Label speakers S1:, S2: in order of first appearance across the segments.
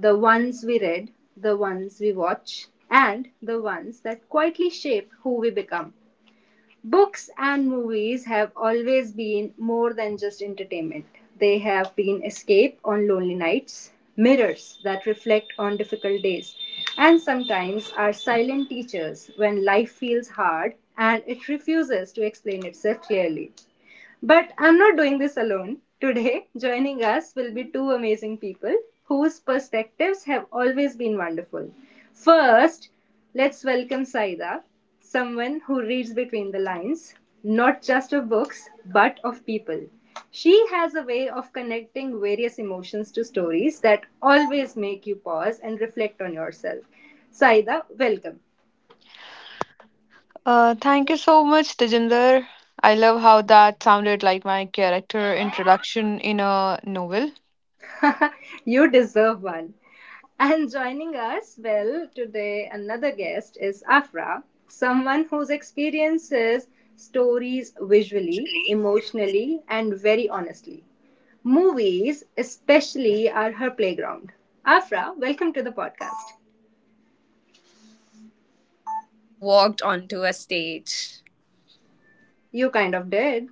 S1: The ones we read, the ones we watch, and the ones that quietly shape who we become. Books and movies have always been more than just entertainment. They have been escape on lonely nights, mirrors that reflect on difficult days, and sometimes are silent teachers when life feels hard and it refuses to explain itself clearly. But I'm not doing this alone. Today, joining us will be two amazing people whose perspectives have always been wonderful. First, let's welcome Saida, someone who reads between the lines, not just of books, but of people. She has a way of connecting various emotions to stories that always make you pause and reflect on yourself. Saida, welcome.
S2: Thank you so much, Tejinder. I love how that sounded like my character introduction in a novel.
S1: You deserve one. And joining us, well, today another guest is Afra, someone whose experiences stories visually,
S3: Totally
S1: emotionally, and very honestly. Movies, especially, are her playground. Afra, welcome to the podcast.
S3: walked onto a stage.
S1: You kind of did.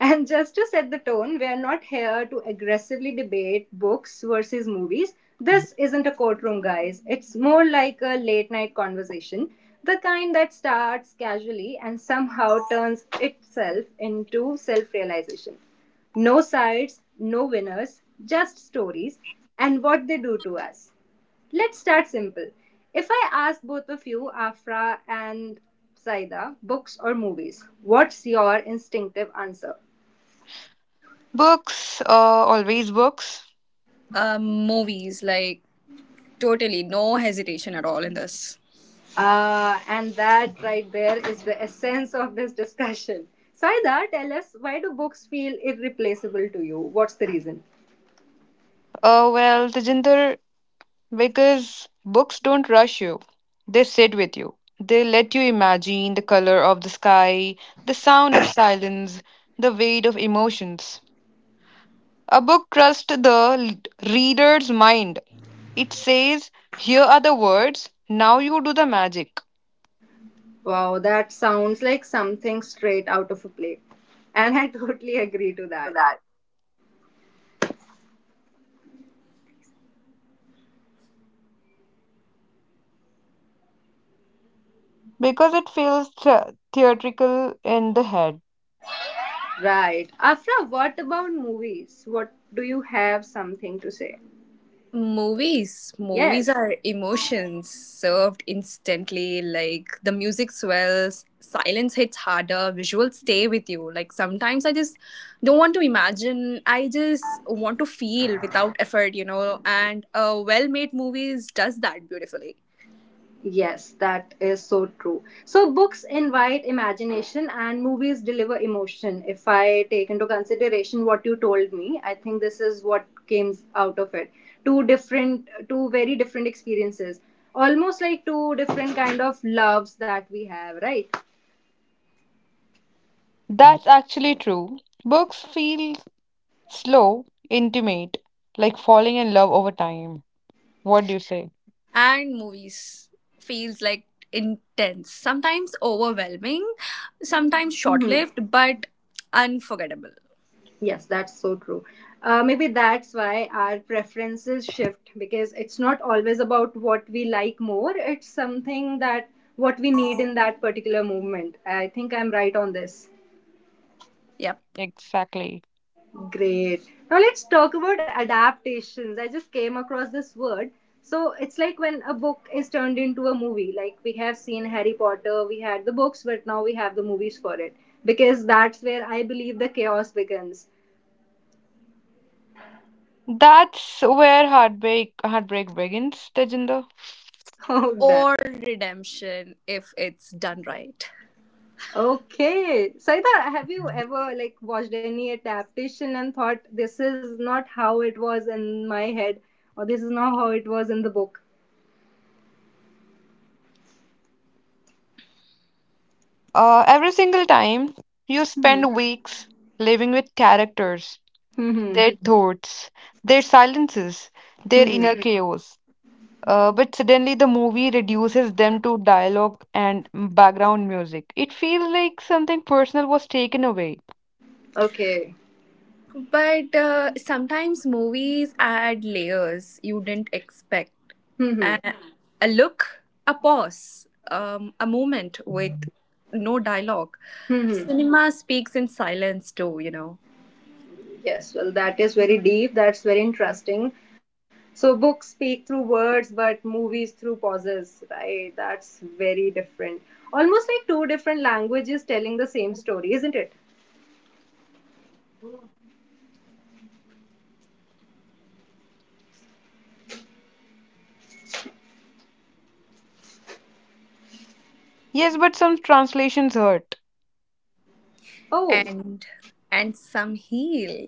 S1: And just to set the tone, we are not here to aggressively debate books versus movies. This isn't a courtroom, guys. It's more like a late night conversation, the kind that starts casually and somehow turns itself into self realization. No sides, no winners, just stories and what they do to us. Let's start simple. If I ask both of you, Afra and Saida, books or movies, what's your instinctive answer?
S2: Books, always books.
S3: Movies, like totally no hesitation at all in this.
S1: And that right there is the essence of this discussion. Saida, tell us why do books feel irreplaceable to you? What's the reason?
S2: Well, Tejinder, because books don't rush you, they sit with you. They let you imagine the color of the sky, the sound of silence, the weight of emotions. A book trusts the reader's mind. It says, here are the words, now you do the magic.
S1: Wow, that sounds like something straight out of a play. And I totally agree to that.
S2: Because it feels theatrical in the head.
S1: Right. Afra, what about movies? What do you have something to say?
S3: Movies
S1: Yes.
S3: are emotions served instantly. Like the music swells, silence hits harder, visuals stay with you. Like sometimes I just don't want to imagine, I just want to feel without effort, you know. And a well made movies does that beautifully.
S1: Yes, that is so true. So, books invite imagination and movies deliver emotion. If I take into consideration what you told me, I think this is what came out of it. Two different, two very different experiences, almost like two different kind of loves that we have, right?
S2: That's actually true. Books feel slow, intimate, like falling in love over time. What do you say?
S3: And movies feels like intense, sometimes overwhelming, sometimes short lived, but unforgettable.
S1: Yes, that's so true. Maybe that's why our preferences shift because it's not always about what we like more, it's something that what we need in that particular movement. I think I'm right on this.
S3: Yep.
S2: Exactly.
S1: Great. Now let's talk about adaptations. I just came across this word. So it's like when a book is turned into a movie. Like we have seen Harry Potter, we had the books, but now we have the movies for it because that's where I believe the chaos begins.
S2: That's where heartbreak begins, Tejinder.
S1: Oh, damn.
S3: Or redemption if it's done right.
S1: Okay. Saida, have you ever like watched any adaptation and thought this is not how it was in my head or this is not how it was in the book?
S2: Every single time you
S1: Hmm.
S2: spend weeks living with characters,
S1: Hmm.
S2: their thoughts, their silences, their
S1: Hmm.
S2: inner chaos. But suddenly the movie reduces them to dialogue and background music. It feels like something personal was taken away.
S1: Okay.
S3: But sometimes movies add layers you didn't expect,
S1: Hmm. Hmm.
S3: a, a look, a pause, a moment with no dialogue.
S1: Hmm, hmm.
S3: Cinema speaks in silence too, you know,
S1: Yes. Well, that is very deep. That's very interesting. So books speak through words, but movies through pauses, right? That's very different. Almost like two different languages telling the same story, isn't it?
S2: Yes, but some translations hurt.
S1: Oh.
S3: and and some heal.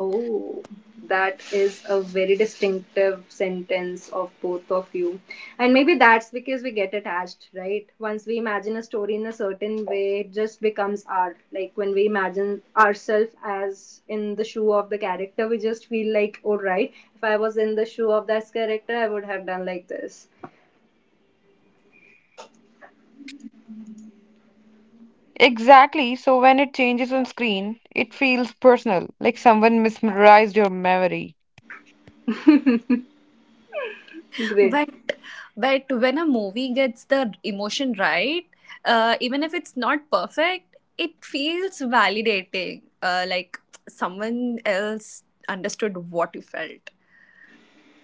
S1: Oh, that is a very distinctive sentence of both of you. And maybe that's because we get attached, right? Once we imagine a story in a certain way, it just becomes art. Like when we imagine ourselves as in the shoe of the character, we just feel like, all right, if I was in the shoe of this character, I would have done like this.
S2: Exactly, so when it changes on screen, it feels personal, like someone mesmerized your memory.
S1: Great.
S3: But but when a movie gets the emotion right, even if it's not perfect, it feels validating. Like someone else understood what you felt.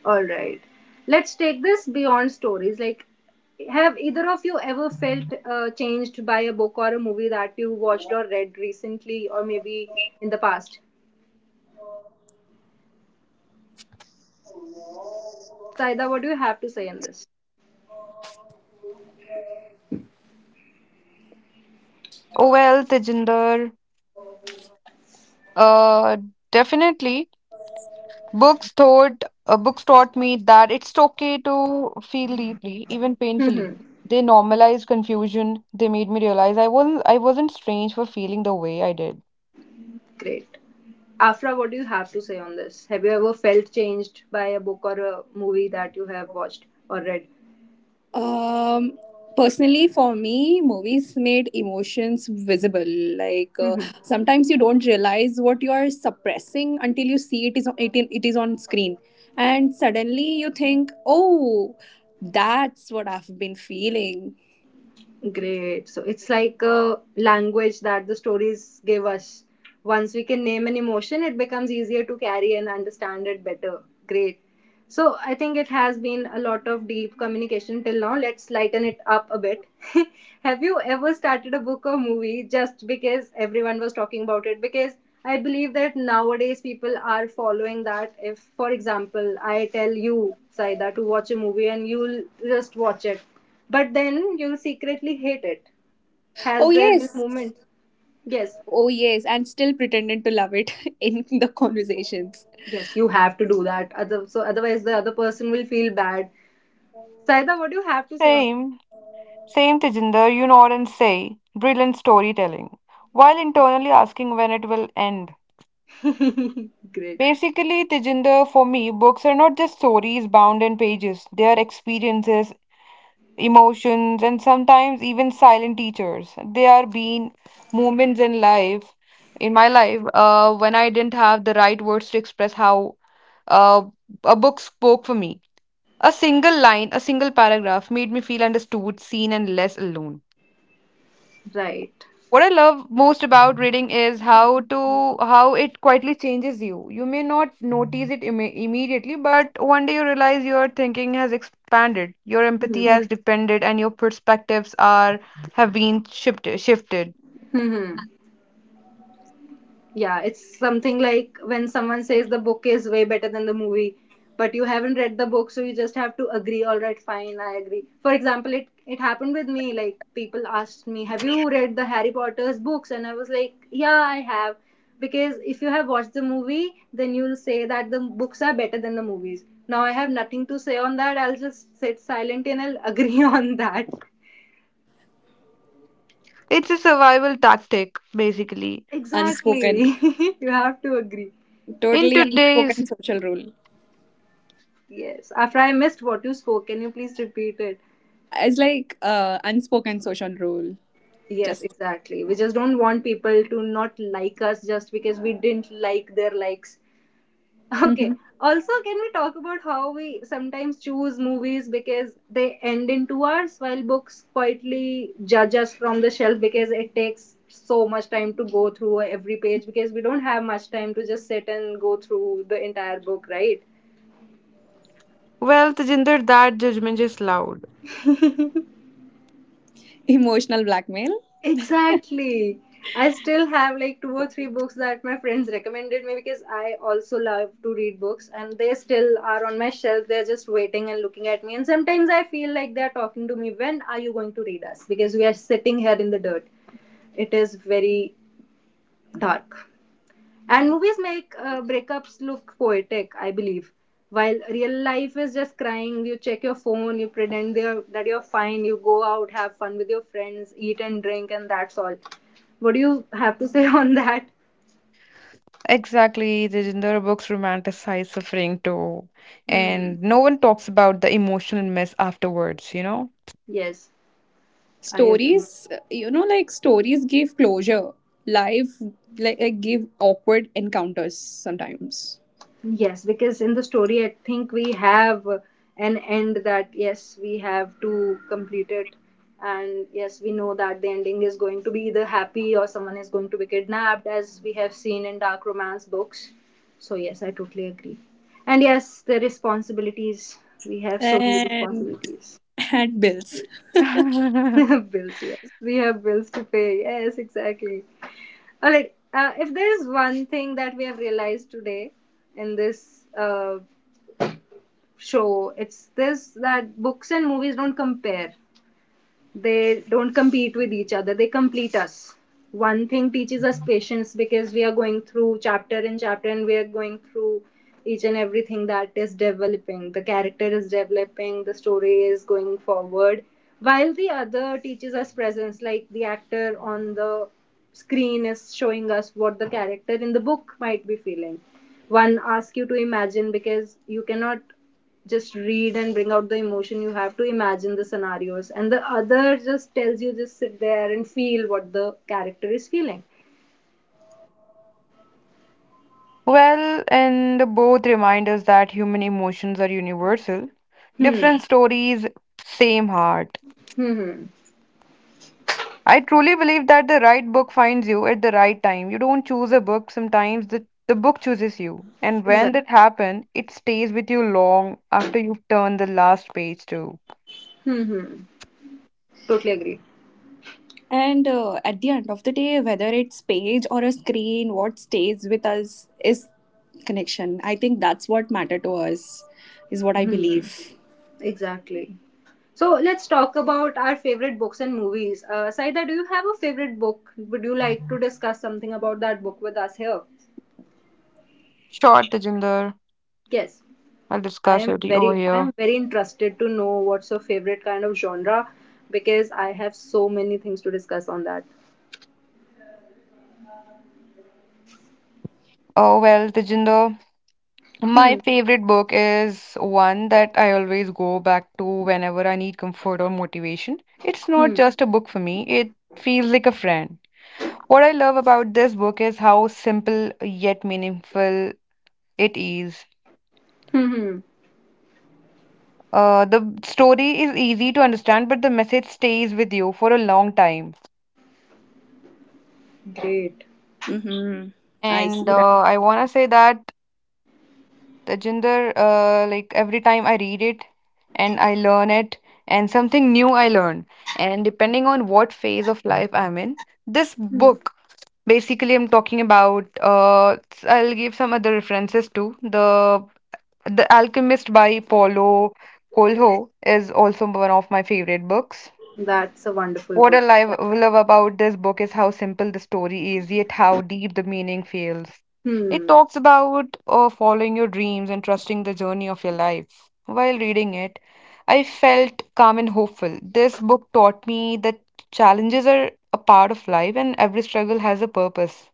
S1: All right. Let's take this beyond stories. Like, have either of you ever felt changed by a book or a movie that you watched or read recently or maybe in the past? Saida, what do you have to say on this?
S2: Oh well, Tejinder, uh, definitely. Books taught me that it's okay to feel deeply, even painfully.
S1: Hmm.
S2: They normalized confusion. They made me realize I wasn't strange for feeling the way I did.
S1: Great. Afra, what do you have to say on this? Have you ever felt changed by a book or a movie that you have watched or read?
S3: Um, Personally, for me, movies made emotions visible. Like
S1: Hmm.
S3: sometimes you don't realize what you are suppressing until you see it is on screen, and suddenly you think, "Oh, that's what I've been feeling."
S1: Great. So it's like a language that the stories give us. Once we can name an emotion, it becomes easier to carry and understand it better. Great. So I think it has been a lot of deep communication till now. Let's lighten it up a bit. Have you ever started a book or movie just because everyone was talking about it? Because I believe that nowadays people are following that. If, for example, I tell you, Saida, to watch a movie and you'll just watch it but then you secretly hate it.
S3: Oh,
S1: Has there been a
S3: yes.
S1: moment? Yes,
S3: Oh, yes. And still pretended to love it in the conversations.
S1: yes, you have to do that. Other, so otherwise, the other person will feel bad. Saida, what do you have to say on?
S2: Same, same, Tejinder. You nod and say, brilliant storytelling, while internally asking when it will end.
S1: Great,
S2: Basically, Tejinder, for me, books are not just stories bound in pages. They are experiences, emotions, and sometimes even silent teachers. There are been moments in life, in my life, when I didn't have the right words to express how uh, a book spoke for me. A single line, a single paragraph made me feel understood, seen, and less alone.
S1: right.
S2: What I love most about reading is how it quietly changes you. You may not notice it immediately, but one day you realize your thinking has expanded, your
S1: Hmm.
S2: empathy Hmm. has Mm. depended, and your perspectives are have been shifted.
S1: Hmm. Yeah, it's something like when someone says the book is way better than the movie, but you haven't read the book, so you just have to agree, all right, fine, I agree. For example, it happened with me, like people asked me, "Have you read the Harry Potter's books?" and I was like, "Yeah, I have." Because if you have watched the movie, then you'll say that the books are better than the movies. Now I have nothing to say on that. I'll just sit silent and I'll agree on that.
S2: It's a survival tactic, basically.
S3: Unspoken.
S1: Exactly. You have to agree.
S2: In
S3: Totally
S2: today's,
S3: unspoken social rule.
S1: Yes. After I missed what you spoke, can you please repeat it?
S3: It's like unspoken social rule.
S1: Yes,
S3: Just
S1: exactly. We just don't want people to not like us just because we didn't like their likes. Okay.
S3: mhm.
S1: Also, can we talk about how we sometimes choose movies because they end in 2 hours while books quietly judge us from the shelf because it takes so much time to go through every page because we don't have much time to just sit and go through the entire book, right?
S2: well, Tejinder, that judgment is loud.
S3: Emotional blackmail.
S1: Exactly. I still have like two or three books that my friends recommended me because I also love to read books and they still are on my shelf. They're just waiting and looking at me. And sometimes I feel like they're talking to me, when are you going to read us? Because we are sitting here in the dirt. It is very dark. And movies make breakups look poetic, I believe. While real life is just crying, you check your phone, you pretend that you're fine, you go out, have fun with your friends, eat and drink, and that's all. What do you have to say on that?
S2: Exactly, Tejinder, books romanticize suffering too,
S1: Hmm.
S2: and no one talks about the emotional mess afterwards, you know?
S1: Yes, I agree.
S3: Stories, you know, like stories give closure. Life, like give awkward encounters sometimes.
S1: Yes, because in the story, I think we have an end that yes, we have to complete it, and yes, we know that the ending is going to be either happy or someone is going to be kidnapped, as we have seen in dark romance books. So, yes, I totally agree. And yes, the responsibilities we have so many
S3: And
S1: responsibilities.
S3: and bills.
S1: Bills, yes, we have bills to pay. Yes, exactly. All right, if there is one thing that we have realized today in this show. It's this that books and movies don't compare. They don't compete with each other. They complete us. One thing teaches us patience because we are going through chapter in chapter and we are going through each and everything that is developing. The character is developing, the story is going forward. While the other teaches us presence, like the actor on the screen is showing us what the character in the book might be feeling. One asks you to imagine because you cannot just read and bring out the emotion you have to imagine the scenarios and the other just tells you just sit there and feel what the character is feeling.
S2: Well, and both remind us that human emotions are universal. Different
S1: Hmm,
S2: stories, same heart.
S1: hmm. Hmm.
S2: I truly believe that the right book finds you at the right time. You don't choose a book, sometimes the book chooses you. And when
S1: Exactly.
S2: that happens, it stays with you long after you've turned the last page too.
S1: Hmm, hmm. Totally agree.
S3: And at the end of the day, whether it's page or a screen, what stays with us is connection. I think that's what matter to us, is what I
S1: Hmm, hmm.
S3: believe.
S1: Exactly. So let's talk about our favorite books and movies. Saida, do you have a favorite book? Would you like to discuss something about that book with us here?
S2: Short, Tejinder.
S1: Yes.
S2: I'll
S1: I
S2: discuss
S1: am
S2: it over
S1: very I
S2: here.
S1: am very interested to know what's your favorite kind of genre because I have so many things to discuss on that.
S2: Oh, well, Tejinder.
S1: Hmm.
S2: My favorite book is one that I always go back to whenever I need comfort or motivation. It's not
S1: Hmm.
S2: just a book for me, it feels like a friend. What I love about this book is how simple yet meaningful it is.
S1: Hmm. Hmm.
S2: The story is easy to understand, but the message stays with you for a long time.
S1: Great.
S3: Mm-hmm. I
S2: And
S3: see that.
S2: I want to say that, Tejinder, like every time I read it and I learn it and something new I learn. And depending on what phase of life I'm in, this
S1: Hmm.
S2: book, basically I'm talking about, I'll give some other references too. The Alchemist by Paulo Coelho is also one of my favorite books.
S1: That's a wonderful
S2: What I
S1: book.
S2: love about this book is how simple the story is, yet how deep the meaning feels. It
S1: Hmm.
S2: talks about following your dreams and trusting the journey of your life. While reading it, I felt calm and hopeful. This book taught me that challenges are a part of life and every struggle has a purpose.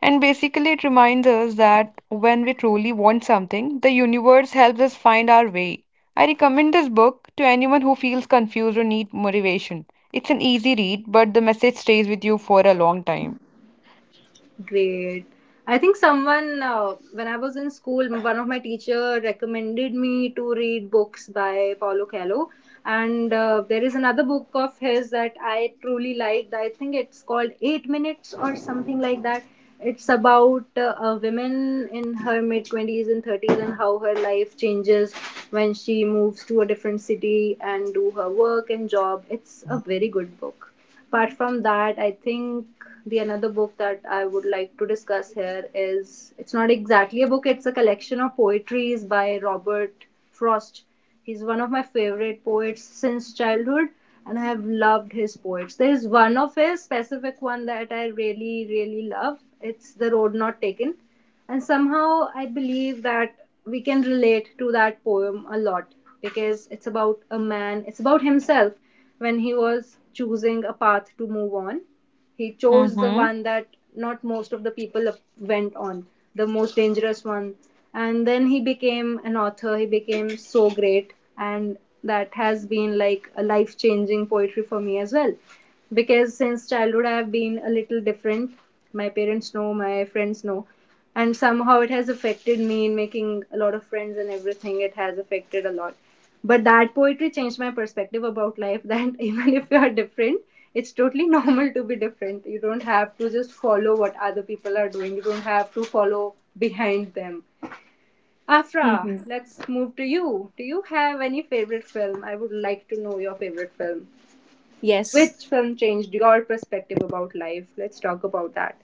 S2: And basically, it reminds us that when we truly want something, the universe helps us find our way. I recommend this book to anyone who feels confused or needs motivation. It's an easy read, but the message stays with you for a long time.
S1: Great. I think someone, when I was in school, one of my teacher recommended me to read books by Paulo Coelho. And there is another book of his that I truly liked. I think it's called Eight Minutes or something like that. It's about a woman in her mid 20s and 30s and how her life changes when she moves to a different city and do her work and job. It's a very good book. Apart from that, I think the another book that I would like to discuss here is it's not exactly a book, it's a collection of poetries by Robert Frost. He's one of my favorite poets since childhood, and I have loved his poets. There is one of his specific one that I really, really love. It's The Road Not Taken. And somehow I believe that we can relate to that poem a lot because it's about a man, it's about himself when he was choosing a path to move on. He chose the
S2: Mm-hmm.
S1: one that not most of the people went on, the most dangerous one. And then he became an author, he became so great, and that has been like a life changing poetry for me as well. Because since childhood, I have been a little different. My parents know, my friends know, and somehow it has affected me in making a lot of friends and everything, it has affected a lot, but that poetry changed my perspective about life that even if you are different, it's totally normal to be different. You don't have to just follow what other people are doing. You don't have to follow behind them. Afra,
S3: Mm-hmm.
S1: let's move to you. Do you have any favorite film? I would like to know your favorite film.
S3: Yes.
S1: Which film changed your perspective about life? Let's talk about that.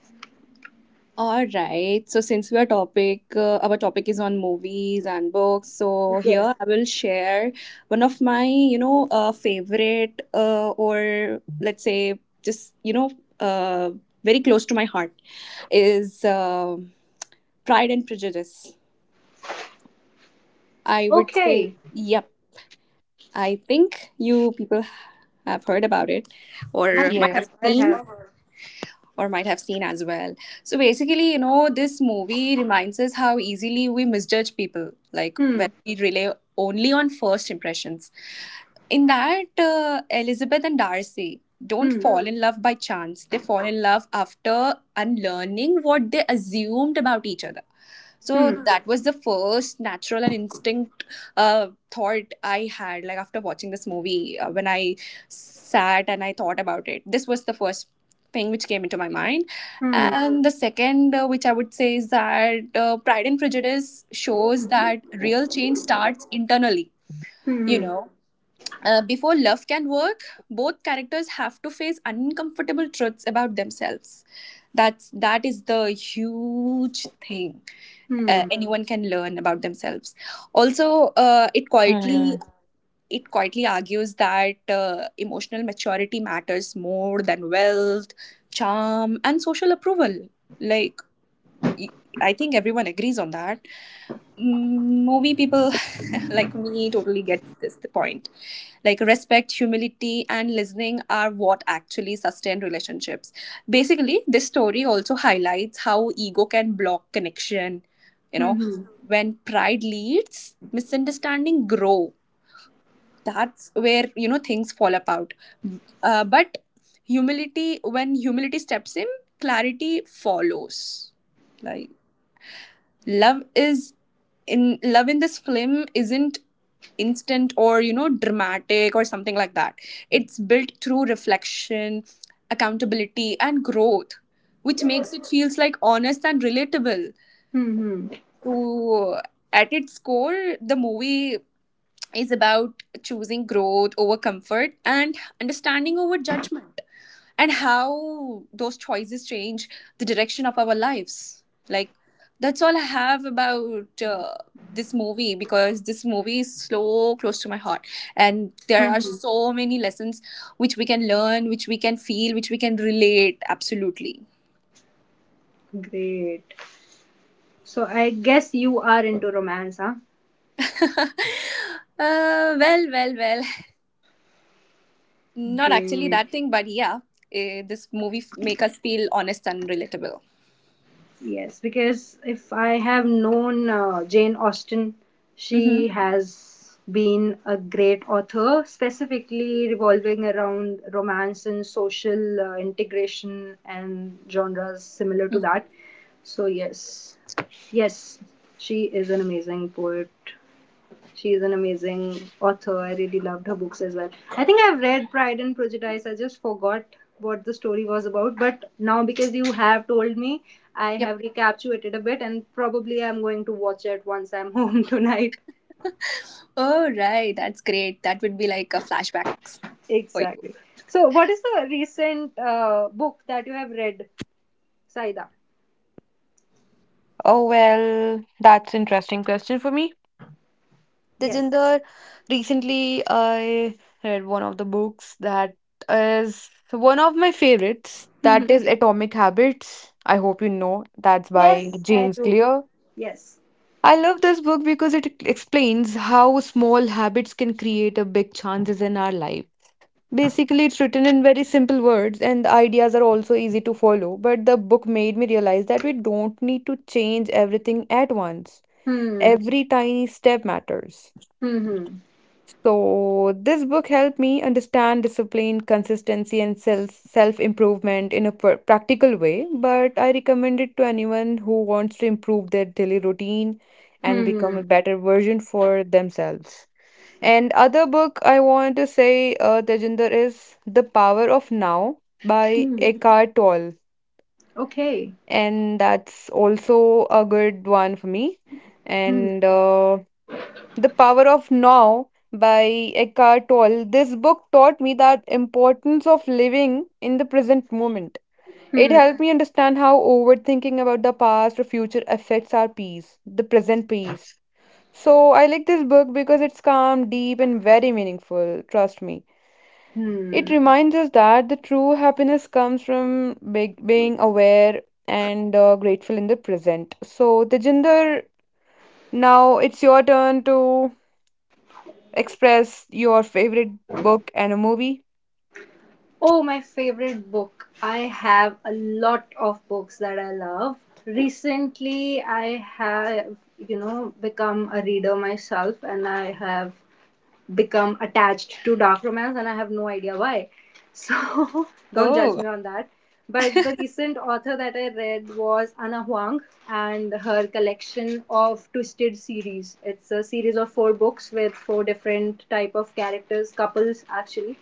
S3: All right. So since our topic is on movies and books. So here
S1: Yes.
S3: I will share one of my, you know, favorite or let's say just you know, uh, very close to my heart is. Pride and Prejudice. I would say,
S1: Okay.
S3: yep. I think you people have heard about it
S1: i
S3: or might
S2: Yeah.
S3: have
S1: have i
S3: seen
S1: have
S3: or might have seen as well. So basically, you know, this movie reminds us how easily we misjudge people, like when
S1: Hmm.
S3: we rely only on first impressions. In that, Elizabeth and Darcy don't
S1: Hmm.
S3: fall in love by chance. They fall in love after unlearning what they assumed about each other.
S1: Hmm.
S3: So that was the first natural and instinct thought I had, like after watching this movie, when I sat and I thought about it. This was the first thing which came into my mind.
S1: Hmm.
S3: And the second, which I would say, is that Pride and Prejudice shows that real change starts internally, you
S1: Hmm.
S3: know. Before love can work, both characters have to face uncomfortable truths about themselves. That is the huge thing
S1: Hmm. Hmm.
S3: anyone can learn about themselves also, uh, it quietly
S2: Hmm.
S3: it quietly argues that emotional maturity matters more than wealth, charm and social approval, like y- I think everyone agrees on that. Mm, movie people like me totally gets this the point, like respect, humility and listening are what actually sustain relationships. Basically this story also highlights how ego can block connection, you know.
S1: Hmm.
S3: When pride leads misunderstanding grow, that's where you know things fall apart. But humility, when humility steps in, clarity follows. Like love is in love in this film isn't instant or you know dramatic or something like that. It's built through reflection, accountability and growth, which makes it feels like honest and relatable.
S1: Hmm.
S3: So at its core the movie is about choosing growth over comfort and understanding over judgment, and how those choices change the direction of our lives. Like that's all I have about this movie, because this movie is so close to my heart and there
S1: Hmm.
S3: are
S1: Hmm.
S3: so many lessons which we can learn, which we can feel, which we can relate absolutely.
S1: Great. So I guess you are into romance, huh?
S3: uh, well well well. Not actually
S1: Great.
S3: that thing, but yeah, eh, this movie make us feel honest and relatable.
S1: Yes, because if I have known Jane Austen, she
S3: Mm-hmm.
S1: has been a great author, specifically revolving around romance and social integration and genres similar to that. So yes, yes, she is an amazing poet. She is an amazing author. I really loved her books as well. I think I've read Pride and Prejudice. I just forgot what the story was about, but now because you have told me, I
S3: Yep.
S1: have recapitulated a bit, and probably I'm going to watch it once I'm home tonight.
S3: Oh, right. That's great. That would be like a flashbacks for you.
S1: Exactly. So, what is the recent book that you have read, Saida?
S2: Oh, well, that's interesting question for me.
S1: Yes.
S2: Tejinder, recently I read one of the books that is one of my favorites. That is Atomic Habits. I hope you know. That's by
S1: Yes, I
S2: James
S1: do.
S2: Clear.
S1: Yes.
S2: I love this book because it explains how small habits can create a big chances in our life. Basically, it's written in very simple words, and the ideas are also easy to follow. But the book made me realize that we don't need to change everything at once.
S1: Hmm.
S2: Every tiny step matters.
S1: Hmm. Hmm.
S2: So, this book helped me understand discipline, consistency, and self improvement in a practical way. But I recommend it to anyone who wants to improve their daily routine and become
S1: Hmm.
S2: a better version for themselves. And other book I want to say, Tejinder, is The Power of Now by
S1: Hmm.
S2: Eckhart Tolle,
S1: Okay.
S2: and that's also a good one for me.
S1: Hmm.
S2: And the Power of Now by Eckhart Tolle. This book taught me the importance of living in the present moment. It
S1: Hmm.
S2: helped me understand how overthinking about the past or future affects our peace, the present peace. So I like this book because it's calm, deep, and very meaningful. Trust me. It
S1: Hmm.
S2: reminds us that the true happiness comes from being aware and grateful in the present. So, Tejinder, now it's your turn to express your favorite book and a movie?
S1: Oh, my favorite book. I have a lot of books that I love. Recently, I have become a reader myself, and I have become attached to dark romance, and I have no idea why. So, don't judge
S3: Oh,
S1: me on that. But the recent author that I read was Anna Huang, and her collection of Twisted series. It's a series of four books with four different type of characters, couples actually,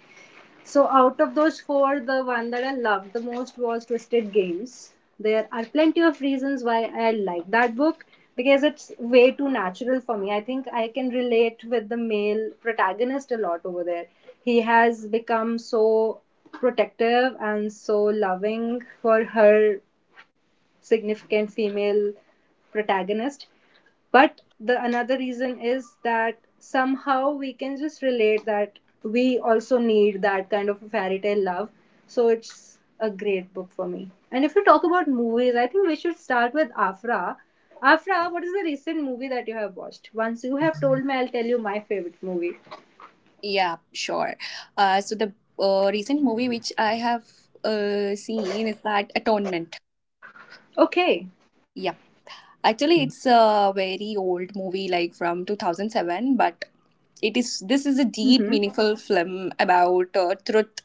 S1: so out of those four, the one that I loved the most was Twisted Games. There are plenty of reasons why I like that book, because it's way too natural for me. I think I can relate with the male protagonist a lot over there. He has become so protective and so loving for her significant female protagonist, but the another reason is that somehow we can just relate that we also need that kind of a fairy tale love. So it's a great book for me. And if you talk about movies, I think we should start with Afra. Afra, what is the recent movie that you have watched? Once you have told me, I'll tell you my favorite movie.
S3: yeah, sure. So the recent movie which I have seen is that Atonement.
S1: Okay.
S3: Yeah. Actually, it's a very old movie, like from 2007, but
S1: Mm-hmm.
S3: it is this is a deep, meaningful film about truth,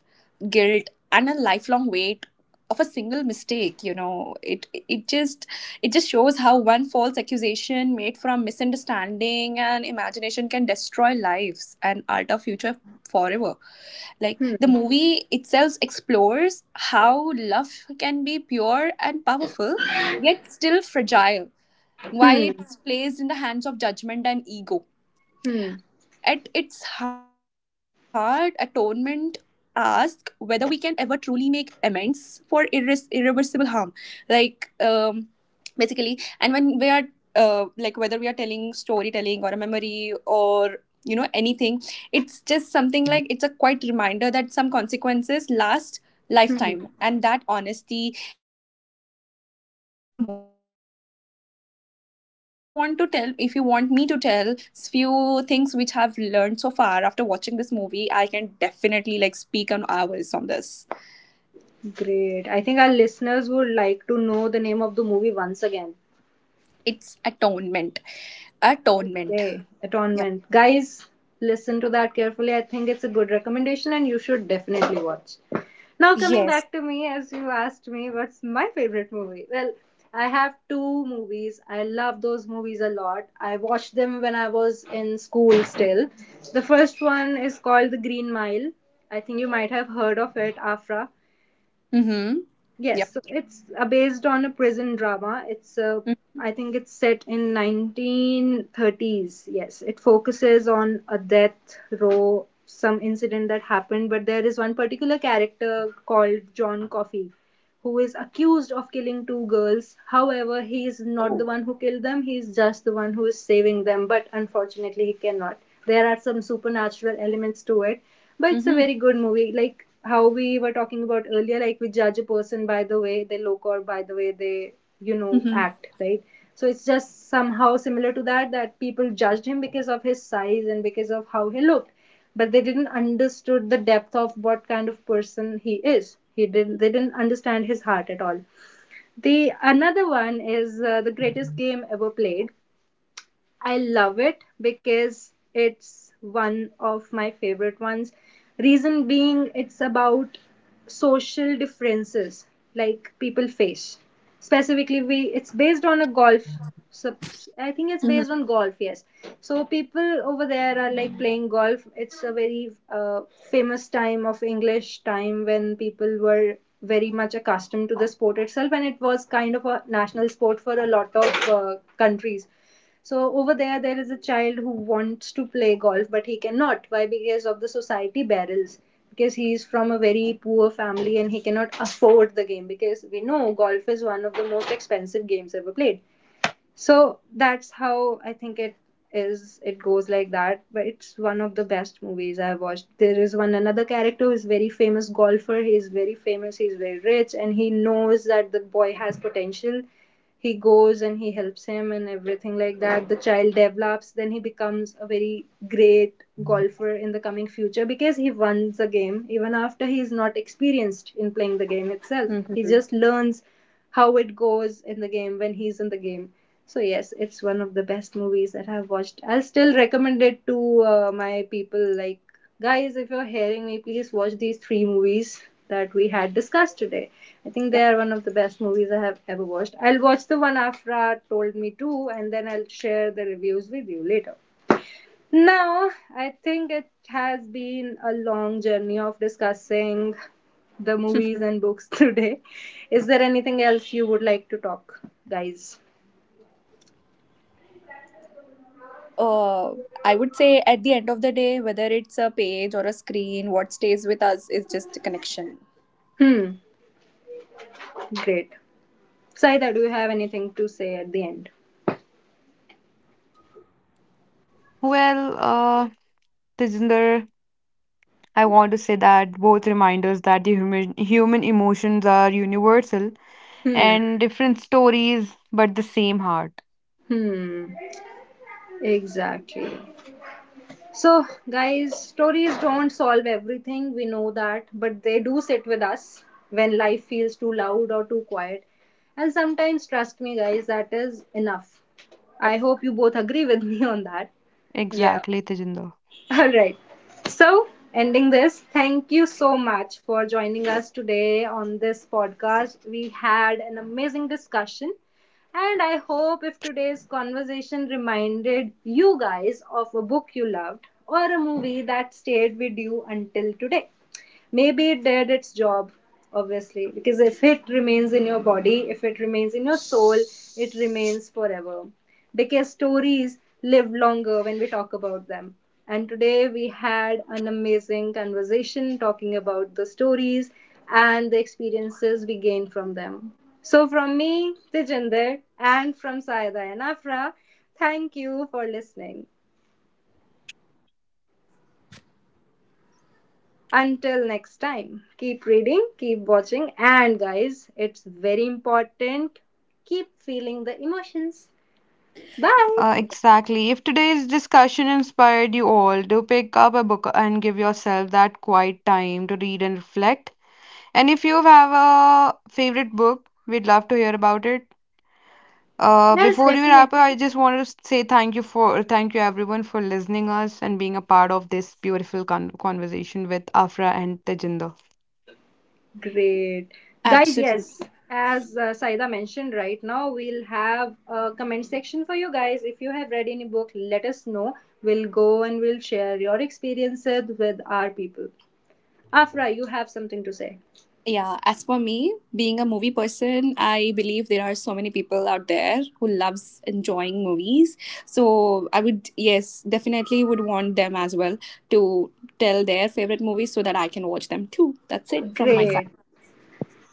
S3: guilt, and a lifelong weight of a single mistake. You know, it it just shows how one false accusation made from misunderstanding and imagination can destroy lives and alter future forever. Like
S1: Hmm.
S3: the movie itself explores how love can be pure and powerful, yet still fragile, while
S1: Hmm.
S3: it's placed in the hands of judgment and ego.
S1: Hmm.
S3: At its heart, atonement asks whether we can ever truly make amends for irreversible harm. Like, basically, and when we are like whether we are telling storytelling or a memory or you know anything, it's just something like it's a quite reminder that some consequences last
S1: Hmm.
S3: lifetime, and that honesty, empathy and restraint matter more than we often realize. So if you want to tell, if you want me to tell few things which I've learned so far after watching this movie, I can definitely like speak on hours on this.
S1: Great. I think our listeners would like to know the name of the movie once again.
S3: It's atonement. Atonement.
S1: Okay, Atonement. Guys, listen to that carefully. I think it's a good recommendation and you should definitely watch. Now, coming back to me, as you asked me, what's my favorite movie? Well, I have two movies. I love those movies a lot. I watched them when I was in school still. The first one is called The Green Mile. I think you might have heard of it, Afra.
S3: Mm-hmm.
S1: Yes,
S3: Yep.
S1: so it's based on a prison drama. It's
S3: Mm.
S1: I think it's set in 1930s. Yes, it focuses on a death row, some incident that happened, but there is one particular character called John Coffey who is accused of killing two girls. However, he is not the
S3: Oh.
S1: one who killed them, he is just the one who is saving them, but unfortunately, he cannot. There are some supernatural elements to it, but it's a
S3: Mm-hmm.
S1: very good movie. Like how we were talking about earlier, like we judge a person by the way they look or by the way they, you know,
S3: Mm-hmm.
S1: act, right? So it's just somehow similar to that, that people judged him because of his size and because of how he looked, but they didn't understood the depth of what kind of person he is, he didn't they didn't understand his heart at all. The another one is the greatest game ever played. I love it because it's one of my favorite ones. Reason being, it's about social differences like people face. Specifically, we it's based on a golf. Sub I think it's based on golf. Yes, so people over there are like playing golf. It's a very famous time of English time when people were very much accustomed to the sport itself, and it was kind of a national sport for a lot of countries. So over there, there is a child who wants to play golf, but he cannot. Why? Because of the society barriers. Because he is from a very poor family and he cannot afford the game. Because we know golf is one of the most expensive games ever played. So that's how I think it is, it goes like that, but it's one of the best movies I've watched. There is one another character who is very famous golfer, he is very famous, he's very rich, and he knows that the boy has potential. He goes and he helps him and everything like that. The child develops, then he becomes a very great golfer in the coming future because he wins the game even after he is not experienced in playing the game itself. He
S3: Mm-hmm.
S1: just learns how it goes in the game when he's in the game. So yes, it's one of the best movies that I've watched. I'll still recommend it to my people. Like guys, if you're hearing me, please watch these three movies that we had discussed today. I think they
S3: Yep.
S1: are one of the best movies I have ever watched. I'll watch the one Afra told me to, and then I'll share the reviews with you later. Now, I think it has been a long journey of discussing the movies and books today. Is there anything else you would like to talk, guys?
S3: uh, I would say at the end of the day, whether it's a page or a screen, what stays with us is just a connection.
S1: Hmm, great. Saida, do you have anything to say at the end?
S2: Well, Tejinder, I want to say that both remind us that the human emotions are universal and different stories, but the same heart.
S1: Hmm, exactly. So, guys, stories don't solve everything, we know that, but they do sit with us when life feels too loud or too quiet. And sometimes, trust me, guys, that is enough.
S3: Yep.
S1: I hope you both agree with me on that.
S2: Exactly, Tejinder.
S1: All right. So, ending this, thank you so much for joining us today on this podcast. We had an amazing discussion, and I hope if today's conversation reminded you guys of a book you loved or a movie that stayed with you until today, maybe it did its job. Obviously, because if it remains in your body, if it remains in your soul, it remains forever. Because stories live longer when we talk about them. And today we had an amazing conversation talking about the stories and the experiences we gain from them. So from me, Tejinder, and from Saida and Afra, thank you for listening. Until next time, keep reading, keep watching, and guys, it's very important. Keep feeling the emotions. Bye.
S2: Exactly. If today's discussion inspired you all, do pick up a book and give yourself that quiet time to read and reflect. And if you have a favorite book, we'd love to hear about it.
S1: Yes,
S2: Before you
S1: definitely.
S2: wrap up, I just wanted to say thank you everyone for listening us and being a part of this beautiful conversation with Afra and Tejinder.
S1: Great. Guys,
S3: Absolutely.
S1: yes, as Saida mentioned right now, we'll have a comment section for you guys. If you have read any book, let us know. We'll go and we'll share your experiences with our people. Afra, you have something to say.
S3: Yeah, as for me, being a movie person, I believe there are so many people out there who loves enjoying movies. So I would, yes, definitely would want them as well to tell their favorite movies so that I can watch them too. That's it from my side.
S1: Great.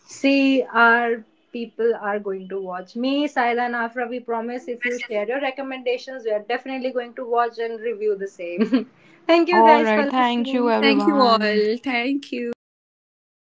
S1: See, our people are going to watch. Me, Saila, and Afra, we promise if you share your recommendations, we are definitely going to watch and review the same. Thank you
S2: All
S1: guys
S2: right,
S1: for
S2: thank you
S1: listening.
S3: Thank you
S2: everyone.
S3: all. Thank you.